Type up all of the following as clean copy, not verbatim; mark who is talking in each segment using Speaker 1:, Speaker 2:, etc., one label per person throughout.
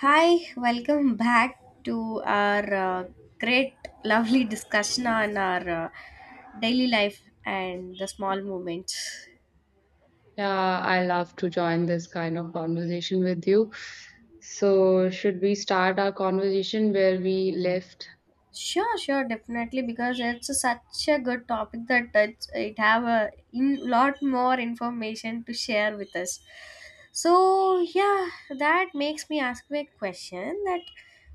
Speaker 1: Hi, welcome back to our great, lovely discussion on our daily life and the small moments.
Speaker 2: Yeah, I love to join this kind of conversation with you. So, should we start our conversation where we left?
Speaker 1: Sure, sure, definitely, because such a good topic that it have a in, lot more information to share with us. So yeah, that makes me ask you a question that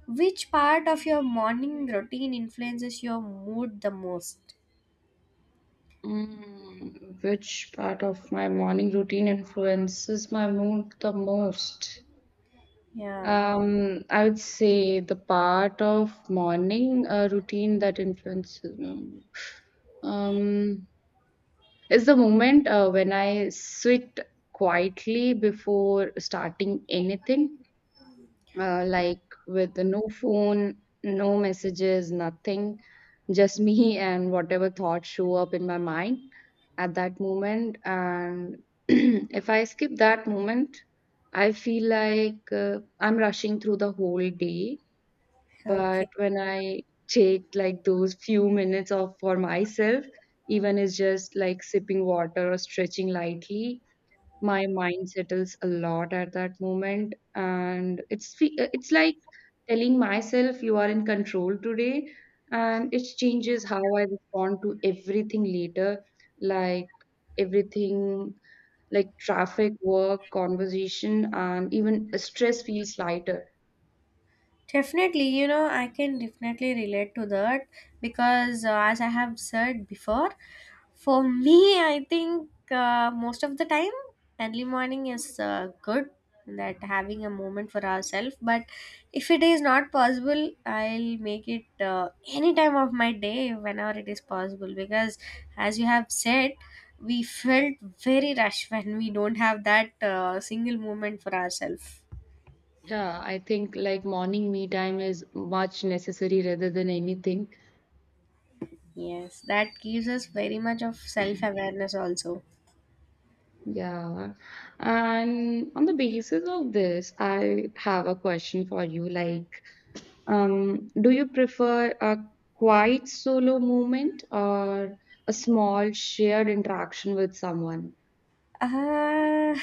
Speaker 1: which part of your morning routine influences your mood the most?
Speaker 2: Mm, which part of my morning routine influences my mood the most?
Speaker 1: Yeah.
Speaker 2: I would say the part of morning routine that influences my mood. Um, is the moment when I sit quietly before starting anything like with no phone, no messages, nothing, just me and whatever thoughts show up in my mind at that moment. And if I skip that moment, I feel like I'm rushing through the whole day.
Speaker 1: Okay.
Speaker 2: But when I take like those few minutes of for myself, even it's just like sipping water or stretching lightly, my mind settles a lot at that moment, and it's like telling myself you are in control today, and it changes how I respond to everything later, like everything, like traffic, work, conversation, and even stress feels lighter.
Speaker 1: Definitely, you know, I can definitely relate to that because, as I have said before, for me, I think most of the time, early morning is good that having a moment for ourselves. But if it is not possible, I'll make it any time of my day whenever it is possible because, as you have said, we felt very rushed when we don't have that single moment for ourselves.
Speaker 2: Yeah, I think like morning me time is much necessary rather than anything.
Speaker 1: Yes, that gives us very much of self awareness also.
Speaker 2: Yeah, and on the basis of this, I have a question for you, like, do you prefer a quiet solo moment or a small shared interaction with someone?
Speaker 1: Uh,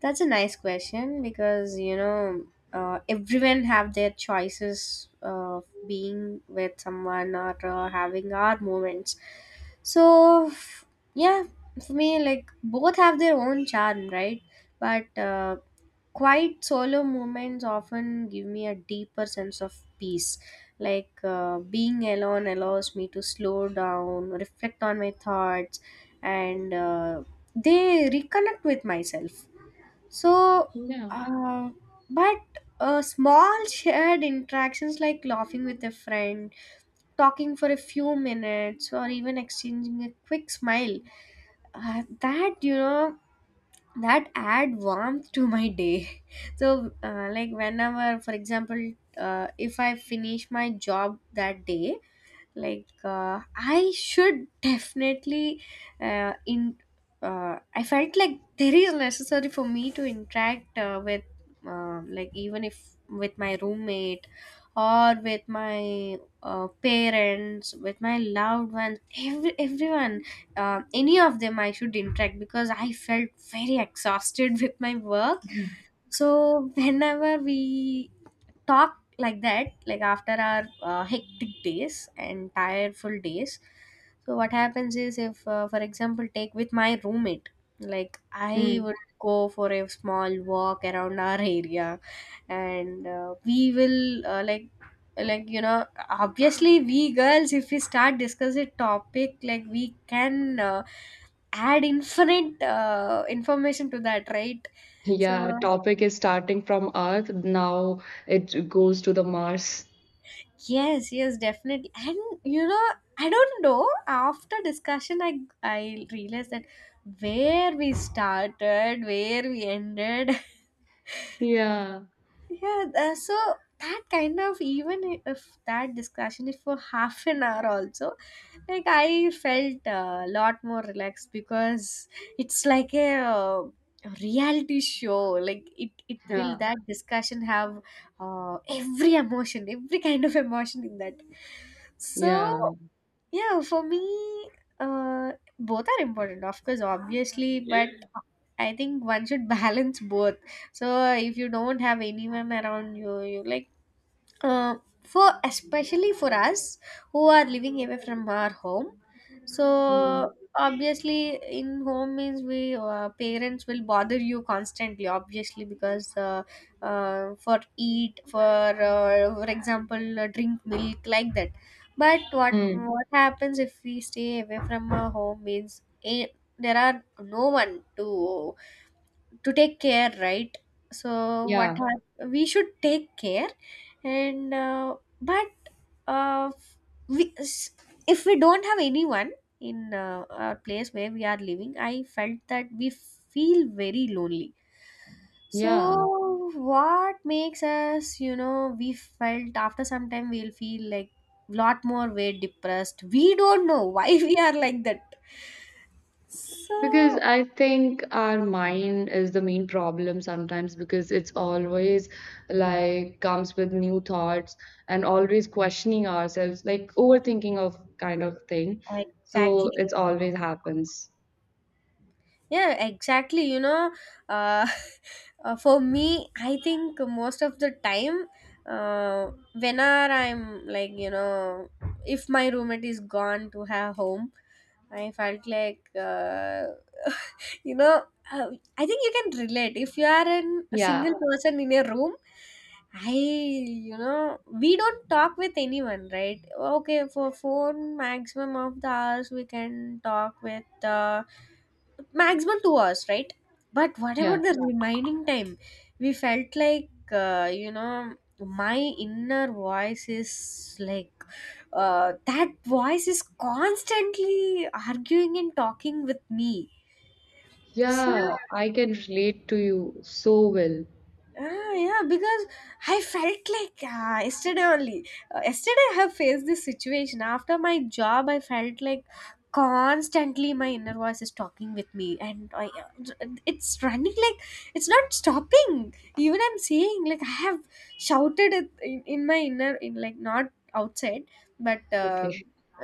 Speaker 1: that's a nice question because you know everyone have their choices of being with someone or having our moments. So f- yeah, for me like both have their own charm, right? But quiet solo moments often give me a deeper sense of peace. Like being alone allows me to slow down, reflect on my thoughts, and they reconnect with myself so
Speaker 2: Yeah.
Speaker 1: uh, but small shared interactions like laughing with a friend talking for a few minutes or even exchanging a quick smile that you know that add warmth to my day so like whenever for example if I finish my job that day like I should definitely in I felt like there is necessary for me to interact with like even if with my roommate or with my parents with my loved ones everyone any of them I should interact because I felt very exhausted with my work so whenever we talk like that like after our hectic days and tireful days so what happens is if for example take with my roommate like I
Speaker 2: Mm.
Speaker 1: would go for a small walk around our area and we will like you know obviously we girls if we start discussing topic like we can add infinite information to that right so
Speaker 2: Yeah, topic is starting from Earth, now it goes to the Mars.
Speaker 1: Yes, yes, definitely. And you know, I don't know. After discussion, I realized that where we started, where we ended.
Speaker 2: Yeah,
Speaker 1: Yeah, so that kind of even if that discussion is for half an hour also, like I felt a lot more relaxed because it's like a reality show. Like it will
Speaker 2: yeah,
Speaker 1: that discussion have every emotion, every kind of emotion in that. So
Speaker 2: yeah.
Speaker 1: yeah, for me, uh, both are important, of course, obviously, but I think one should balance both. So if you don't have anyone around you, like uh, for especially for us who are living away from our home so
Speaker 2: Mm.
Speaker 1: obviously in home means we parents will bother you constantly obviously because for eat for example drink milk like that but
Speaker 2: Mm.
Speaker 1: what happens if we stay away from our home means there are no one to take care right so
Speaker 2: Yeah,
Speaker 1: we should take care and uh, we, s- if we don't have anyone in our place where we are living I felt that we feel very lonely so
Speaker 2: yeah.
Speaker 1: what makes us you know we felt after some time we'll feel like lot more way depressed we don't know why we are like that
Speaker 2: Because
Speaker 1: so
Speaker 2: I think our mind is the main problem sometimes, because it's always like comes with new thoughts and always questioning ourselves, like overthinking of kind of thing.
Speaker 1: exactly.
Speaker 2: So it's always happens.
Speaker 1: Yeah, exactly. You know, uh, for me, I think most of the time, whenever I'm like, you know, if my roommate is gone to her home, I felt like, you know, uh, I think you can relate. If you are a
Speaker 2: Yeah,
Speaker 1: single person in a room, you know, we don't talk with anyone, right? Okay, for phone, maximum of the hours we can talk with. Maximum 2 hours right but what
Speaker 2: yeah,
Speaker 1: about the remaining time we felt like you know my inner voice is like that voice is constantly arguing and talking with me so
Speaker 2: yeah. I can relate to you so well.
Speaker 1: Ah, yeah, because I felt like yesterday only. Yesterday, I have faced this situation. After my job, I felt like constantly my inner voice is talking with me, and it's running like it's not stopping. Even I'm saying like I have shouted it in my inner, in like not outside, but.
Speaker 2: Okay.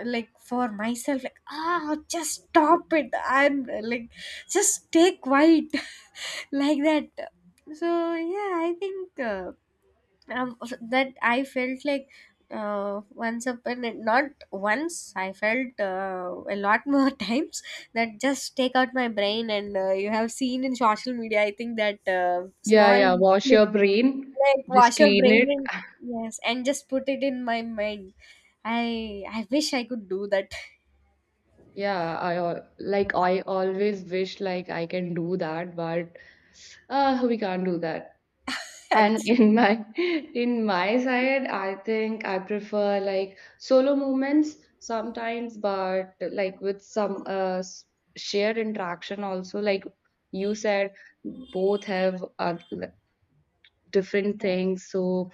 Speaker 1: Like for myself like ah just stop it I'm like just stay quiet like that so yeah I think so that I felt like not once I felt a lot more times that just take out my brain and you have seen in social media I think that
Speaker 2: Yeah,
Speaker 1: small
Speaker 2: yeah. Wash
Speaker 1: clip
Speaker 2: your brain,
Speaker 1: like
Speaker 2: just
Speaker 1: wash your
Speaker 2: clean
Speaker 1: brain
Speaker 2: it.
Speaker 1: and yes and just put it in my mind I wish I could do that.
Speaker 2: Like I always wish like I can do that, but we can't do that. And
Speaker 1: Actually.
Speaker 2: in my in my side, I think I prefer like solo moments sometimes, but like with some shared interaction also. Like you said, both have different things. So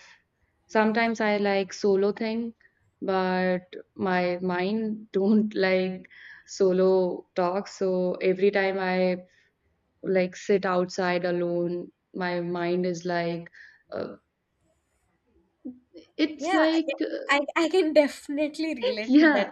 Speaker 2: sometimes I like solo thing, but my mind don't like solo talk. So every time I like sit outside alone, my mind is like uh, it's
Speaker 1: Yeah, I,
Speaker 2: like
Speaker 1: can- I I can definitely relate to that.
Speaker 2: yeah,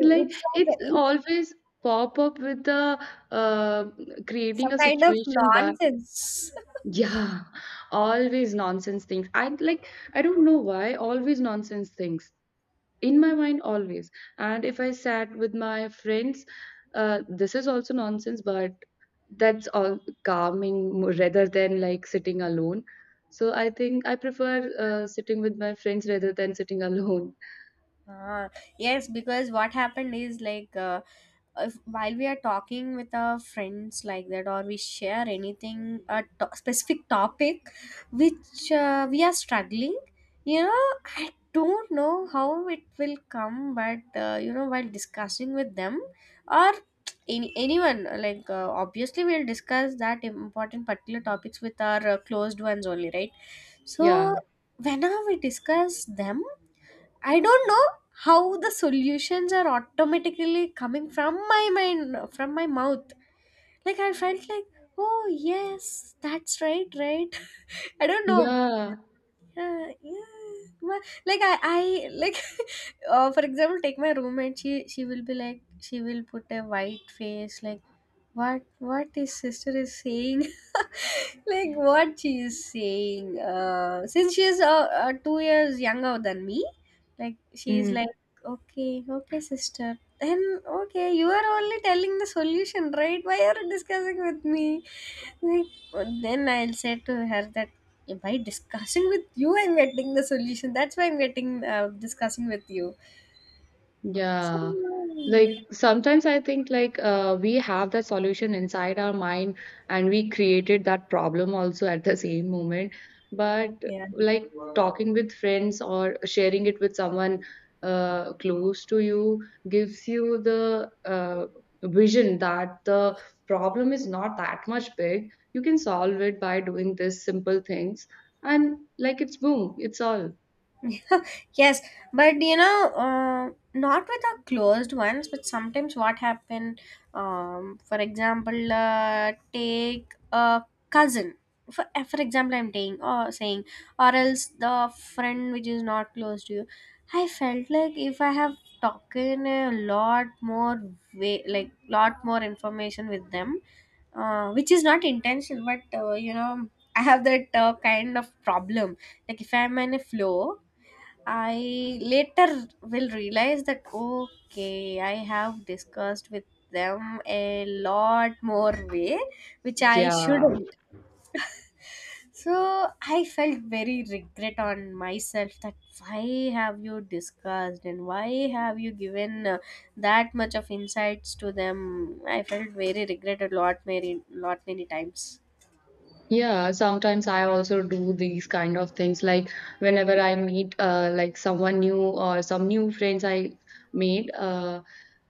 Speaker 2: like
Speaker 1: like
Speaker 2: it's
Speaker 1: it's
Speaker 2: always pop up with the uh, creating
Speaker 1: some
Speaker 2: a
Speaker 1: kind of
Speaker 2: situation that
Speaker 1: nonsense.
Speaker 2: yeah, always nonsense things. I don't know why always nonsense things in my mind always. And if I sat with my friends, this is also nonsense, but that's all calming rather than like sitting alone. So I think I prefer sitting with my friends rather than sitting alone.
Speaker 1: Ah, yes, because what happened is like if, while we are talking with our friends like that, or we share anything specific topic which we are struggling, you know, I don't know how it will come, but you know, while discussing with them or anyone, like obviously we'll discuss that important particular topics with our closed ones only, right?
Speaker 2: Yeah.
Speaker 1: So whenever we discuss them I don't know how the solutions are automatically coming from my mind, from my mouth. Like I felt like, oh yes, that's right, right. I don't know.
Speaker 2: Yeah.
Speaker 1: Yeah. Like I like, for example, take my roommate. She will be like, she will put a white face, like what what his sister is saying like what she is saying since she is 2 years younger than me like she is
Speaker 2: Mm,
Speaker 1: like okay okay sister then okay you are only telling the solution right why are you discussing with me like then I'll say to her that by discussing with you I'm getting the solution that's why I'm getting discussing with you so,
Speaker 2: yeah. Like sometimes I think like we have that solution inside our mind, and we created that problem also at the same moment. But
Speaker 1: yeah
Speaker 2: like talking with friends or sharing it with someone close to you gives you the vision that the problem is not that much big. You can solve it by doing this simple things, and like it's boom, it's all.
Speaker 1: yes but you know not with our closed ones but sometimes what happen for example take a cousin for, for example I'm saying or saying or else the friend which is not close to you I felt like if I have talking a lot more way like lot more information with them which is not intentional but you know I have that kind of problem like if I'm in a flow I later will realize that okay, I have discussed with them a lot more way, which I
Speaker 2: Yeah.
Speaker 1: shouldn't. So I felt very regret on myself that why have you discussed and why have you given that much of insights to them? I felt very regret a lot, lot many times.
Speaker 2: Yeah, sometimes I also do these kind of things. Like whenever I meet like someone new or some new friends I made, uh,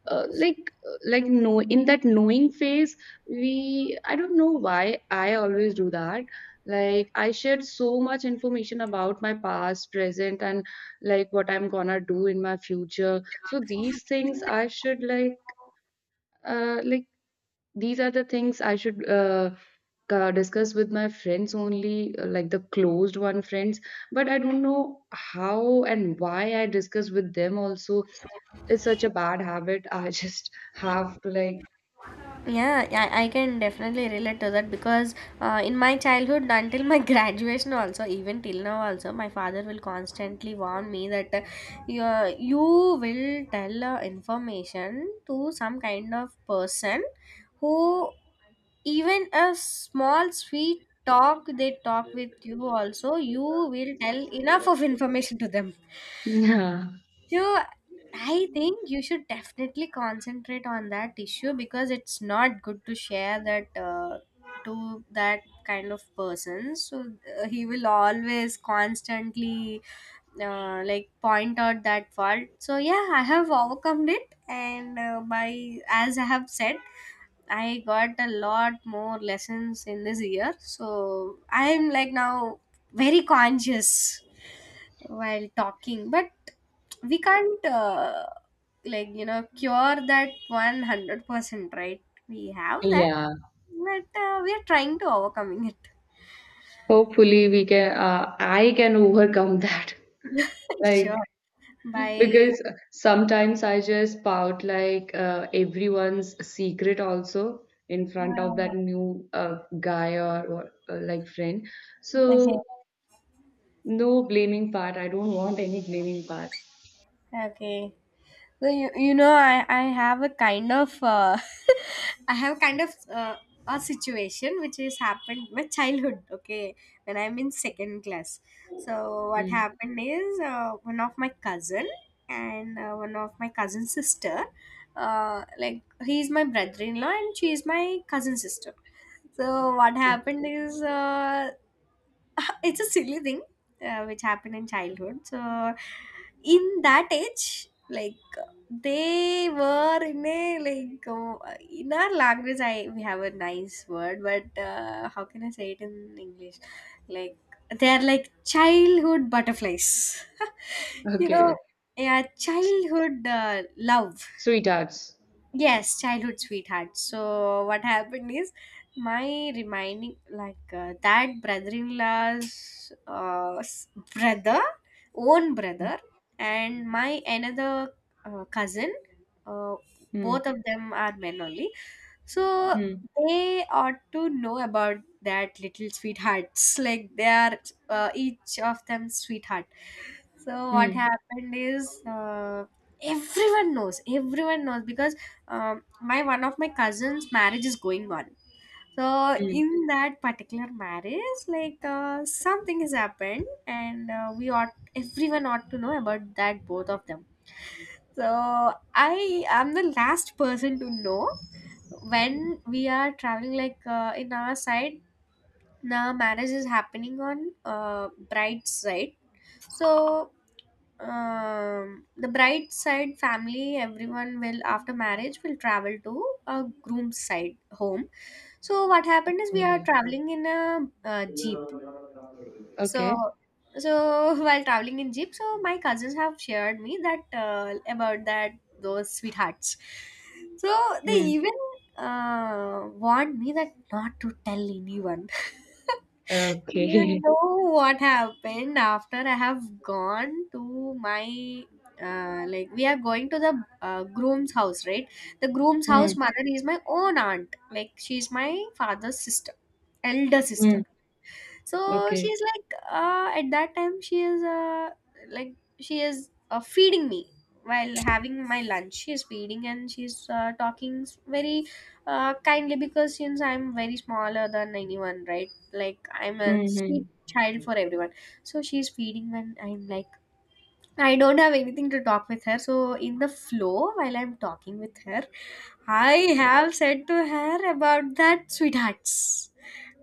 Speaker 2: uh, like no, in that knowing phase, we I don't know why I always do that. Like I shared so much information about my past, present, and like what I'm gonna do in my future. So these things I should like these are the things I should discuss with my friends only, like the closed one friends. But I don't know how and why I discuss with them also. It's such a bad habit. I just have to like,
Speaker 1: Yeah, yeah, I can definitely relate to that because in my childhood, until my graduation, also even till now, also my father will constantly warn me that you you will tell information to some kind of person who even a small sweet talk they talk with you also you will tell enough of information to them
Speaker 2: yeah,
Speaker 1: so I think you should definitely concentrate on that issue because it's not good to share that to that kind of person. So he will always constantly like point out that fault. So yeah, I have overcome it, and by as I have said, I got a lot more lessons in this year. So I'm like now very conscious while talking. But we can't like you know cure that 100%, right? We have that,
Speaker 2: yeah.
Speaker 1: but we are trying to overcoming it.
Speaker 2: Hopefully we can, I can overcome that.
Speaker 1: Sure.
Speaker 2: Like,
Speaker 1: By
Speaker 2: because sometimes I just pout like everyone's secret also in front of
Speaker 1: uh,
Speaker 2: that new guy, or, or like friend.
Speaker 1: okay.
Speaker 2: So no blaming part. I don't want any blaming part.
Speaker 1: Okay. So you know I have a kind of I have kind of uh, a situation which has happened my childhood. Okay, when I'm in second class. So what
Speaker 2: Mm.
Speaker 1: happened is one of my cousin and one of my cousin sister. Like he is my brother-in-law and she is my cousin sister. So what
Speaker 2: Okay.
Speaker 1: happened is it's a silly thing which happened in childhood so in that age like they were in a like in our language I we have a nice word but how can I say it in English like they are like childhood butterflies you know
Speaker 2: Okay.
Speaker 1: yeah childhood love
Speaker 2: Sweethearts.
Speaker 1: Yes, childhood sweetheart. So what happened is my reminding like that brother, own brother, and my another cousin. Uh,
Speaker 2: Hmm.
Speaker 1: both of them are men only. So
Speaker 2: Hmm.
Speaker 1: they ought to know about that little sweethearts. Like they are each of them sweetheart. So what
Speaker 2: Hmm.
Speaker 1: happened is everyone knows. Everyone knows because my one of my cousins' marriage is going on. So
Speaker 2: Hmm.
Speaker 1: in that particular marriage, like something has happened, and we ought everyone ought to know about that both of them, so I am the last person to know when we are traveling. Like in our side, the marriage is happening on bride's side. So the bride's side family, everyone will after marriage will travel to a groom's side home. So what happened is we are traveling in a, jeep. So,
Speaker 2: Okay.
Speaker 1: so while traveling in jeep, so my cousins have shared me that about that those sweethearts. So they
Speaker 2: Hmm.
Speaker 1: even warned me that not to tell anyone.
Speaker 2: Okay. Mm.
Speaker 1: You
Speaker 2: Okay.
Speaker 1: know what happened after I have gone to my like we are going to the groom's house, right? The groom's
Speaker 2: Mm.
Speaker 1: house mother is my own aunt, like she's my father's sister, elder sister,
Speaker 2: Mm.
Speaker 1: so
Speaker 2: Okay.
Speaker 1: she's like at that time she is like she is feeding me. While having my lunch she is feeding and she's very kindly, because since I'm very smaller than anyone, right? Like I'm a
Speaker 2: Mm-hmm.
Speaker 1: sweet child for everyone, so she's feeding when I'm like, I don't have anything to talk with her, so in the flow while I'm talking with her, I have said to her about that sweethearts.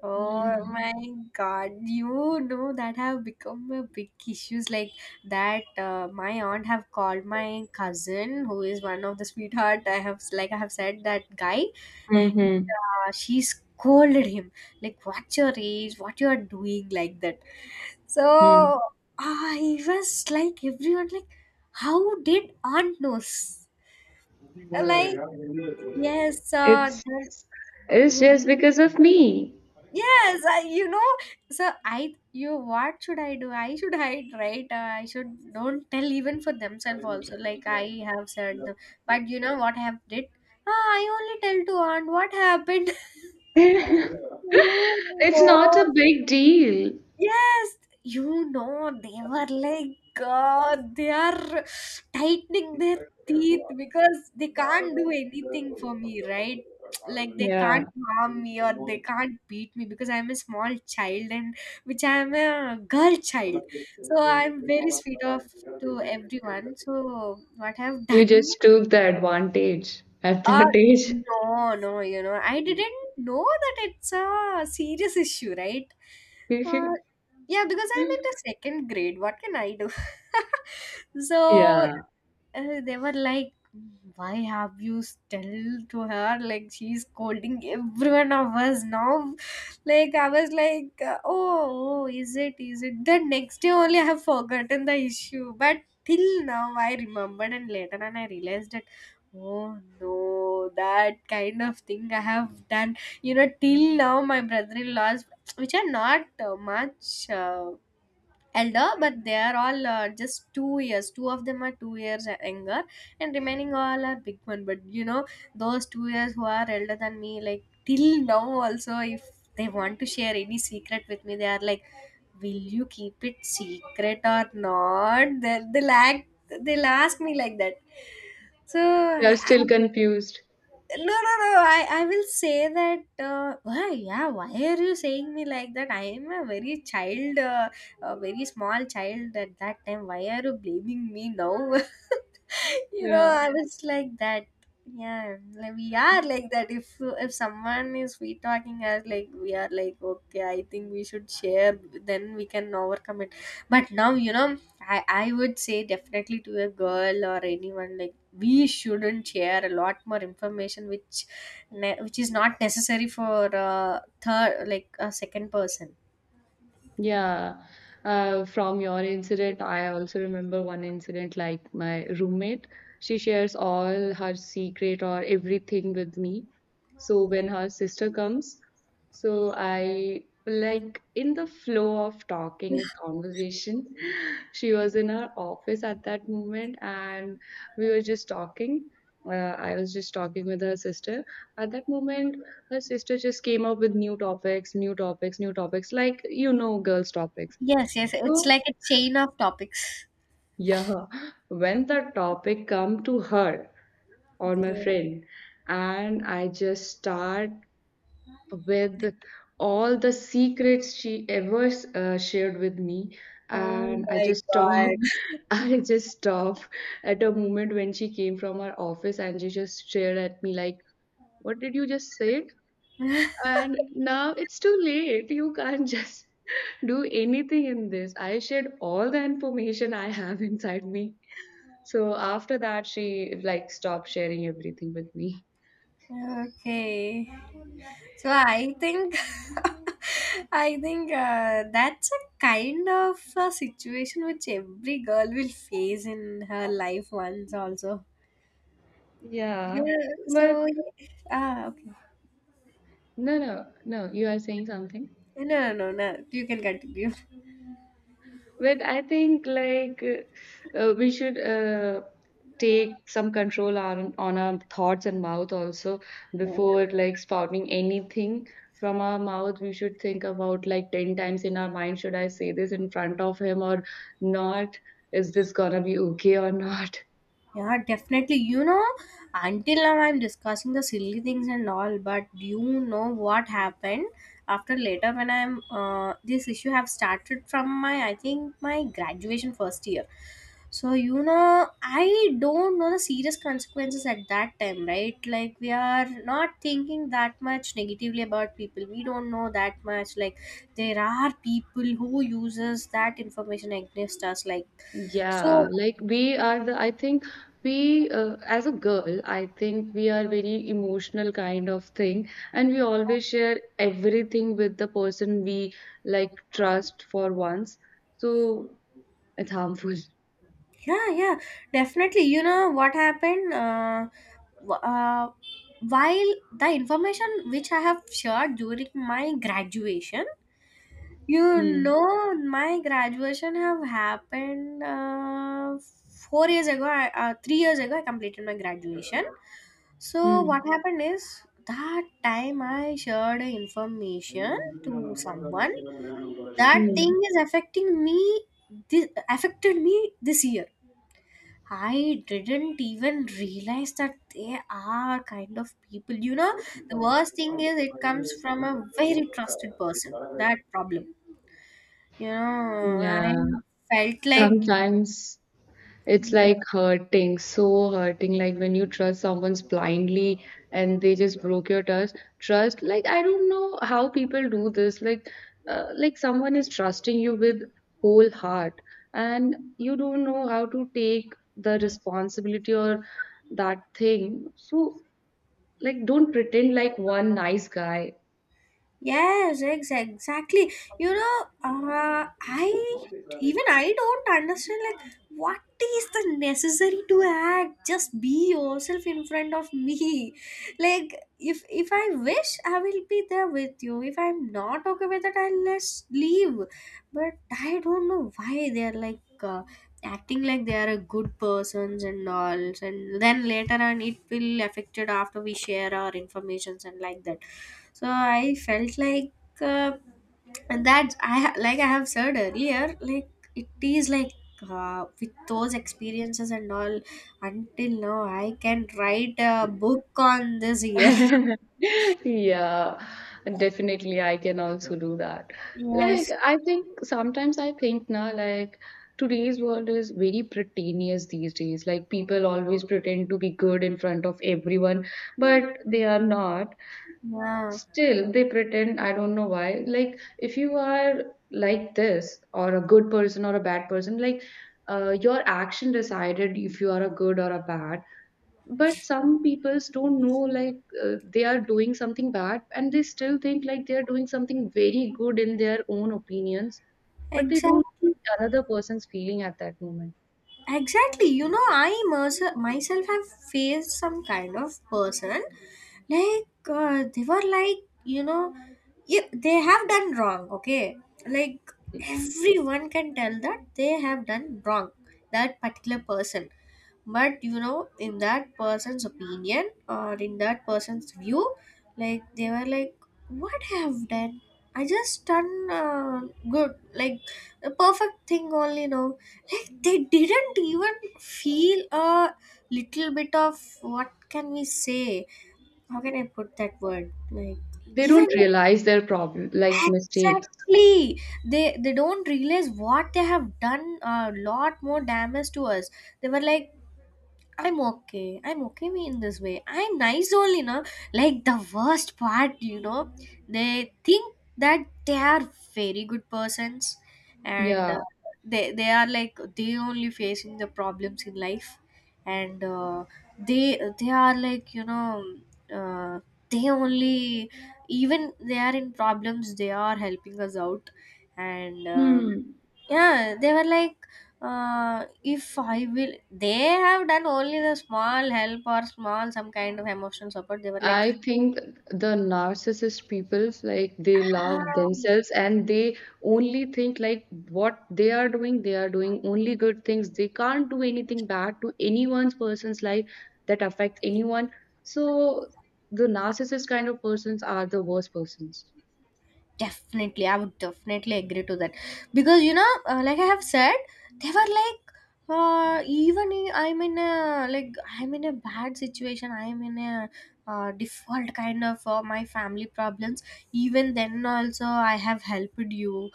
Speaker 1: Oh my god, you know that have become a big issues like that. My aunt have called my cousin, who is one of the sweetheart. I have said that guy, and she scolded him like, "What's your age? What you are doing like that?"
Speaker 2: Mm-hmm.
Speaker 1: So I was like, everyone like, how did aunt knows? Like yes,
Speaker 2: It's
Speaker 1: that,
Speaker 2: just because of me.
Speaker 1: yes, I, you know, so what should I do? I should hide, right? I should don't tell even for themselves also. Like I have said, but you know what I have did? Ah, I only tell to aunt what happened. You
Speaker 2: It's not
Speaker 1: know.
Speaker 2: a big deal.
Speaker 1: Yes, you know, they were like, God, they are tightening their teeth because they can't do anything for me, right? Like they can't
Speaker 2: Yeah.
Speaker 1: harm me or they can't beat me because I'm a small child and which I'm a girl child. So I'm very sweet off to everyone. So what I've
Speaker 2: You
Speaker 1: done.
Speaker 2: just took the advantage at
Speaker 1: uh,
Speaker 2: that age.
Speaker 1: no, no, you know, I didn't know that it's a serious issue, right? Uh, yeah, because I'm in the second grade. What can I do? So
Speaker 2: Yeah.
Speaker 1: they were like why have you still to her, like she's scolding everyone of us now. Like I was like oh, is it the next day only I have forgotten the issue, but till now I remembered and later on I realized that oh no, that kind of thing I have done. You know, till now my brother-in-laws, which are not much elder, but they are all just 2 years, two of them are 2 years younger, and remaining all are big one. But you know, those 2 years who are elder than me, like till now also if they want to share any secret with me, they are like, will you keep it secret or not? They'll ask me like that. So
Speaker 2: They're
Speaker 1: I,
Speaker 2: still confused.
Speaker 1: no, I will say that, why yeah, why are you saying me like that? I am a very child, a very small child at that time. Why are you blaming me now? You know,
Speaker 2: Yeah.
Speaker 1: I was like that. Yeah, like we are like that. If someone is sweet talking us, like we are like okay, I think we should share, then we can overcome it. But now, you know, I would say definitely to a girl or anyone, like we shouldn't share a lot more information which which is not necessary for third like a second person.
Speaker 2: Yeah, from your incident, I also remember one incident, like my roommate. She shares all her secret or everything with me. So when her sister comes, so I like in the flow of talking and conversation, she was in her office at that moment, and we were just talking. Uh, I was just talking with her sister. At that moment, her sister just came up with new topics, new topics, new topics, like you know, girls' topics.
Speaker 1: Yes, yes. It's
Speaker 2: So
Speaker 1: like a chain of topics.
Speaker 2: yeah, when the topic come to her or my
Speaker 1: Okay.
Speaker 2: friend, and I just start with all the secrets she ever shared with me,
Speaker 1: Oh
Speaker 2: and I
Speaker 1: my
Speaker 2: just stop.
Speaker 1: god.
Speaker 2: I just stop at a moment when she came from her office and she just stared at me like, "What did you just say?" And now it's too late. You can't just do anything in this. I shared all the information I have inside me. So after that, she like stopped sharing everything with me.
Speaker 1: Okay, so I think I think that's a kind of a situation which every girl will face in her life once also.
Speaker 2: Yeah.
Speaker 1: Yeah,
Speaker 2: But
Speaker 1: so okay.
Speaker 2: no, no, no, you are saying something.
Speaker 1: No, no, no, no. You can continue.
Speaker 2: But I think like we should take some control on our thoughts and mouth also before like spouting anything from our mouth. We should think about like ten times in our mind: should I say this in front of him or not? Is this gonna be okay or not?
Speaker 1: Yeah, definitely. You know, until now I'm discussing the silly things and all, but you know what happened after later when I'm this issue have started from my I think my graduation first year. So you know, I don't know the serious consequences at that time, right? Like we are not thinking that much negatively about people. We don't know that much. Like there are people who uses that information against us. Like so.
Speaker 2: Yeah, like we are I think we, as a girl, I think we are very emotional kind of thing, and we always share everything with the person we like trust for once. So it's harmful.
Speaker 1: Yeah, yeah, definitely. You know what happened? W- uh, while the information which I have shared during my graduation, you
Speaker 2: Mm,
Speaker 1: know, my graduation have happened 4 years ago. 3 years ago, I completed my graduation. So
Speaker 2: mm,
Speaker 1: what happened is, that time I shared information to someone. That thing
Speaker 2: mm.
Speaker 1: is affecting me. This affected me this year. I didn't even realize that they are kind of people. You know, the worst thing is it comes from a very trusted person. That problem. You know, I
Speaker 2: Yeah,
Speaker 1: felt like,
Speaker 2: sometimes. It's
Speaker 1: yeah.
Speaker 2: like hurting, so hurting. Like when you trust someone's blindly and they just broke your trust. Like I don't know how people do this. Like someone is trusting you with whole heart, and you don't know how to take the responsibility or that thing. So, like, don't pretend like one nice guy.
Speaker 1: Yes, exactly. You know, I don't understand like what is the necessary to act. Just be yourself in front of me. Like if I wish, I will be there with you. If I'm not okay with it, I'll just leave. But I don't know why they're like. Acting like they are a good persons and all, and then later on it will affected after we share our informations and like that. So I felt like uh, I have said earlier, like it is like with those experiences and all, until now I can write a book on this year.
Speaker 2: Yeah, definitely I can also do that. Like
Speaker 1: Yes,
Speaker 2: I think sometimes I think now like today's world is very pretentious these days. Like people always pretend to be good in front of everyone, but they are not.
Speaker 1: yeah,
Speaker 2: Still, they pretend, I don't know why. Like, if you are like this, or a good person or a bad person, like, your action decided if you are a good or a bad. But some peoples don't know, like, they are doing something bad, and they still think, like, they are doing something very good in their own opinions, but they don't
Speaker 1: exactly.
Speaker 2: see another person's feeling at that moment.
Speaker 1: Exactly. You know, myself have faced some kind of person. Like, they were like, you know, yeah, they have done wrong, okay? Like, everyone can tell that they have done wrong, that particular person. But you know, in that person's opinion or in that person's view, like they were like, what I have done, I just done good, like a perfect thing only, no? Like they didn't even feel a little bit of, what can we say, how can I put that word, like
Speaker 2: They
Speaker 1: even
Speaker 2: don't realize their problem, like, mistakes.
Speaker 1: exactly, they don't realize what they have done, a lot more damage to us. They were like, I'm okay. I'm okay me in this way. I'm nice only, no? Like the worst part, you know, they think that they are very good persons, and
Speaker 2: Yeah.
Speaker 1: they are like they only facing the problems in life, and they are like, you know, uh, they only, even they are in problems, they are helping us out. And um,
Speaker 2: Hmm.
Speaker 1: yeah, they were like, if I will, they have done only the small help or small some kind of emotional support. They were like,
Speaker 2: I think the narcissist peoples like they love themselves, and they only think like what they are doing only good things. They can't do anything bad to anyone's person's life that affects anyone. So the narcissist kind of persons are the worst persons.
Speaker 1: definitely I would definitely agree to that. Because you know, like I have said, they were like, I'm in a like, I'm in a bad situation, I'm in a default kind of my family problems. Even then also I have helped you.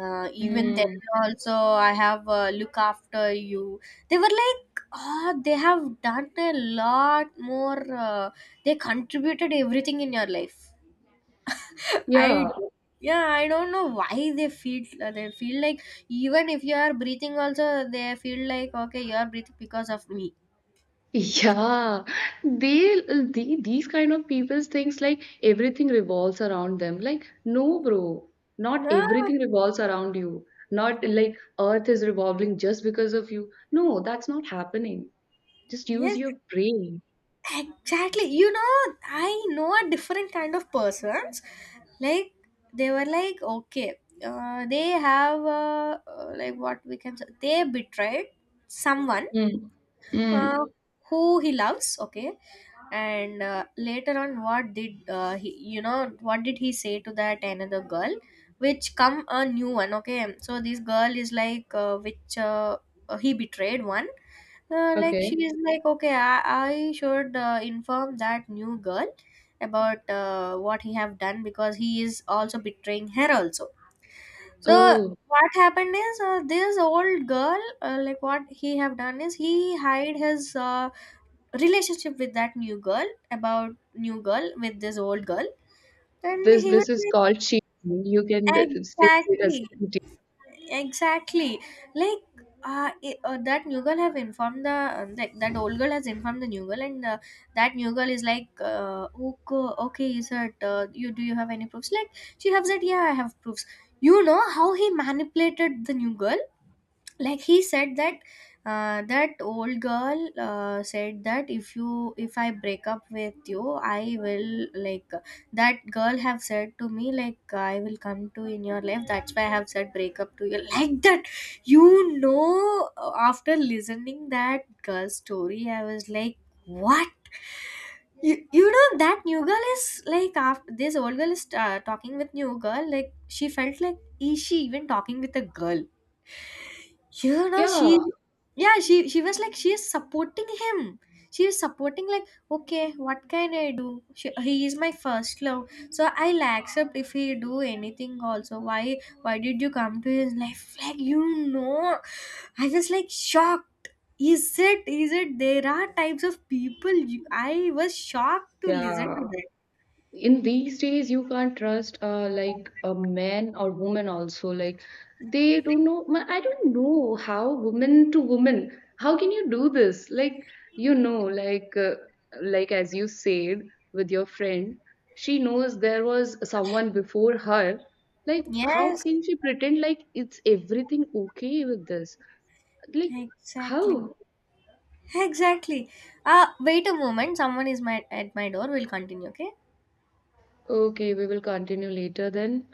Speaker 1: Even then
Speaker 2: Hmm.
Speaker 1: also I have look after you. They were like, oh, they have done a lot more they contributed everything in your life. I
Speaker 2: Yeah,
Speaker 1: don't- yeah, I don't know why they feel, they feel like, even if you are breathing also, they feel like okay, you are breathing because of me.
Speaker 2: Yeah, they, these kind of people thinks like everything revolves around them. Like, no, bro, not
Speaker 1: No,
Speaker 2: everything revolves around you. Not like Earth is revolving just because of you. No, that's not happening. Just use
Speaker 1: yes,
Speaker 2: your brain.
Speaker 1: exactly. You know, I know a different kind of persons. Like they were like okay, they have like what we can say, they betrayed someone,
Speaker 2: Mm.
Speaker 1: uh,
Speaker 2: Mm.
Speaker 1: who he loves, okay? And later on what did he, you know, what did he say to that another girl which come a new one, okay? So this girl is like which he betrayed one. Like she
Speaker 2: Okay.
Speaker 1: is like okay, I should inform that new girl about what he have done, because he is also betraying her also. So
Speaker 2: Oh,
Speaker 1: what happened is this old girl, like what he have done is he hide his relationship with that new girl, about new girl with this old girl. And
Speaker 2: this
Speaker 1: he was
Speaker 2: is called cheating. You can
Speaker 1: like
Speaker 2: say it as
Speaker 1: exactly,
Speaker 2: cheating.
Speaker 1: exactly. Like that new girl have informed the like that old girl has informed the new girl. And that new girl is like okay, okay, is it you, do you have any proofs? Like she have said yeah, I have proofs. You know how he manipulated the new girl? Like he said that that old girl said that if you, if I break up with you, I will like, that girl have said to me like, I will come to in your life, that's why I have said break up to you. Like that, you know. After listening that girl's story, I was like, what? You know, that new girl is like, after this old girl is talking with new girl, like she felt like, is she even talking with a girl? You know,
Speaker 2: Yeah,
Speaker 1: she, yeah, she was like, she is supporting him. She is supporting like, okay, what can I do? He is my first love, so I'll accept if he do anything also. Why did you come to his life? Like you know, I was like shocked. Is it, is it there are types of people, you, I was shocked to listen
Speaker 2: yeah.
Speaker 1: to that.
Speaker 2: In these days you can't trust like a man or woman also, like they don't know I don't know how woman to woman, how can you do this, like, you know, like, like as you said, with your friend, she knows there was someone before her, like, how
Speaker 1: Yes,
Speaker 2: can she pretend like it's everything okay with this, like, how?
Speaker 1: exactly, exactly. Wait a moment, someone is my at my door, we'll continue, okay.
Speaker 2: Okay, we will continue later then.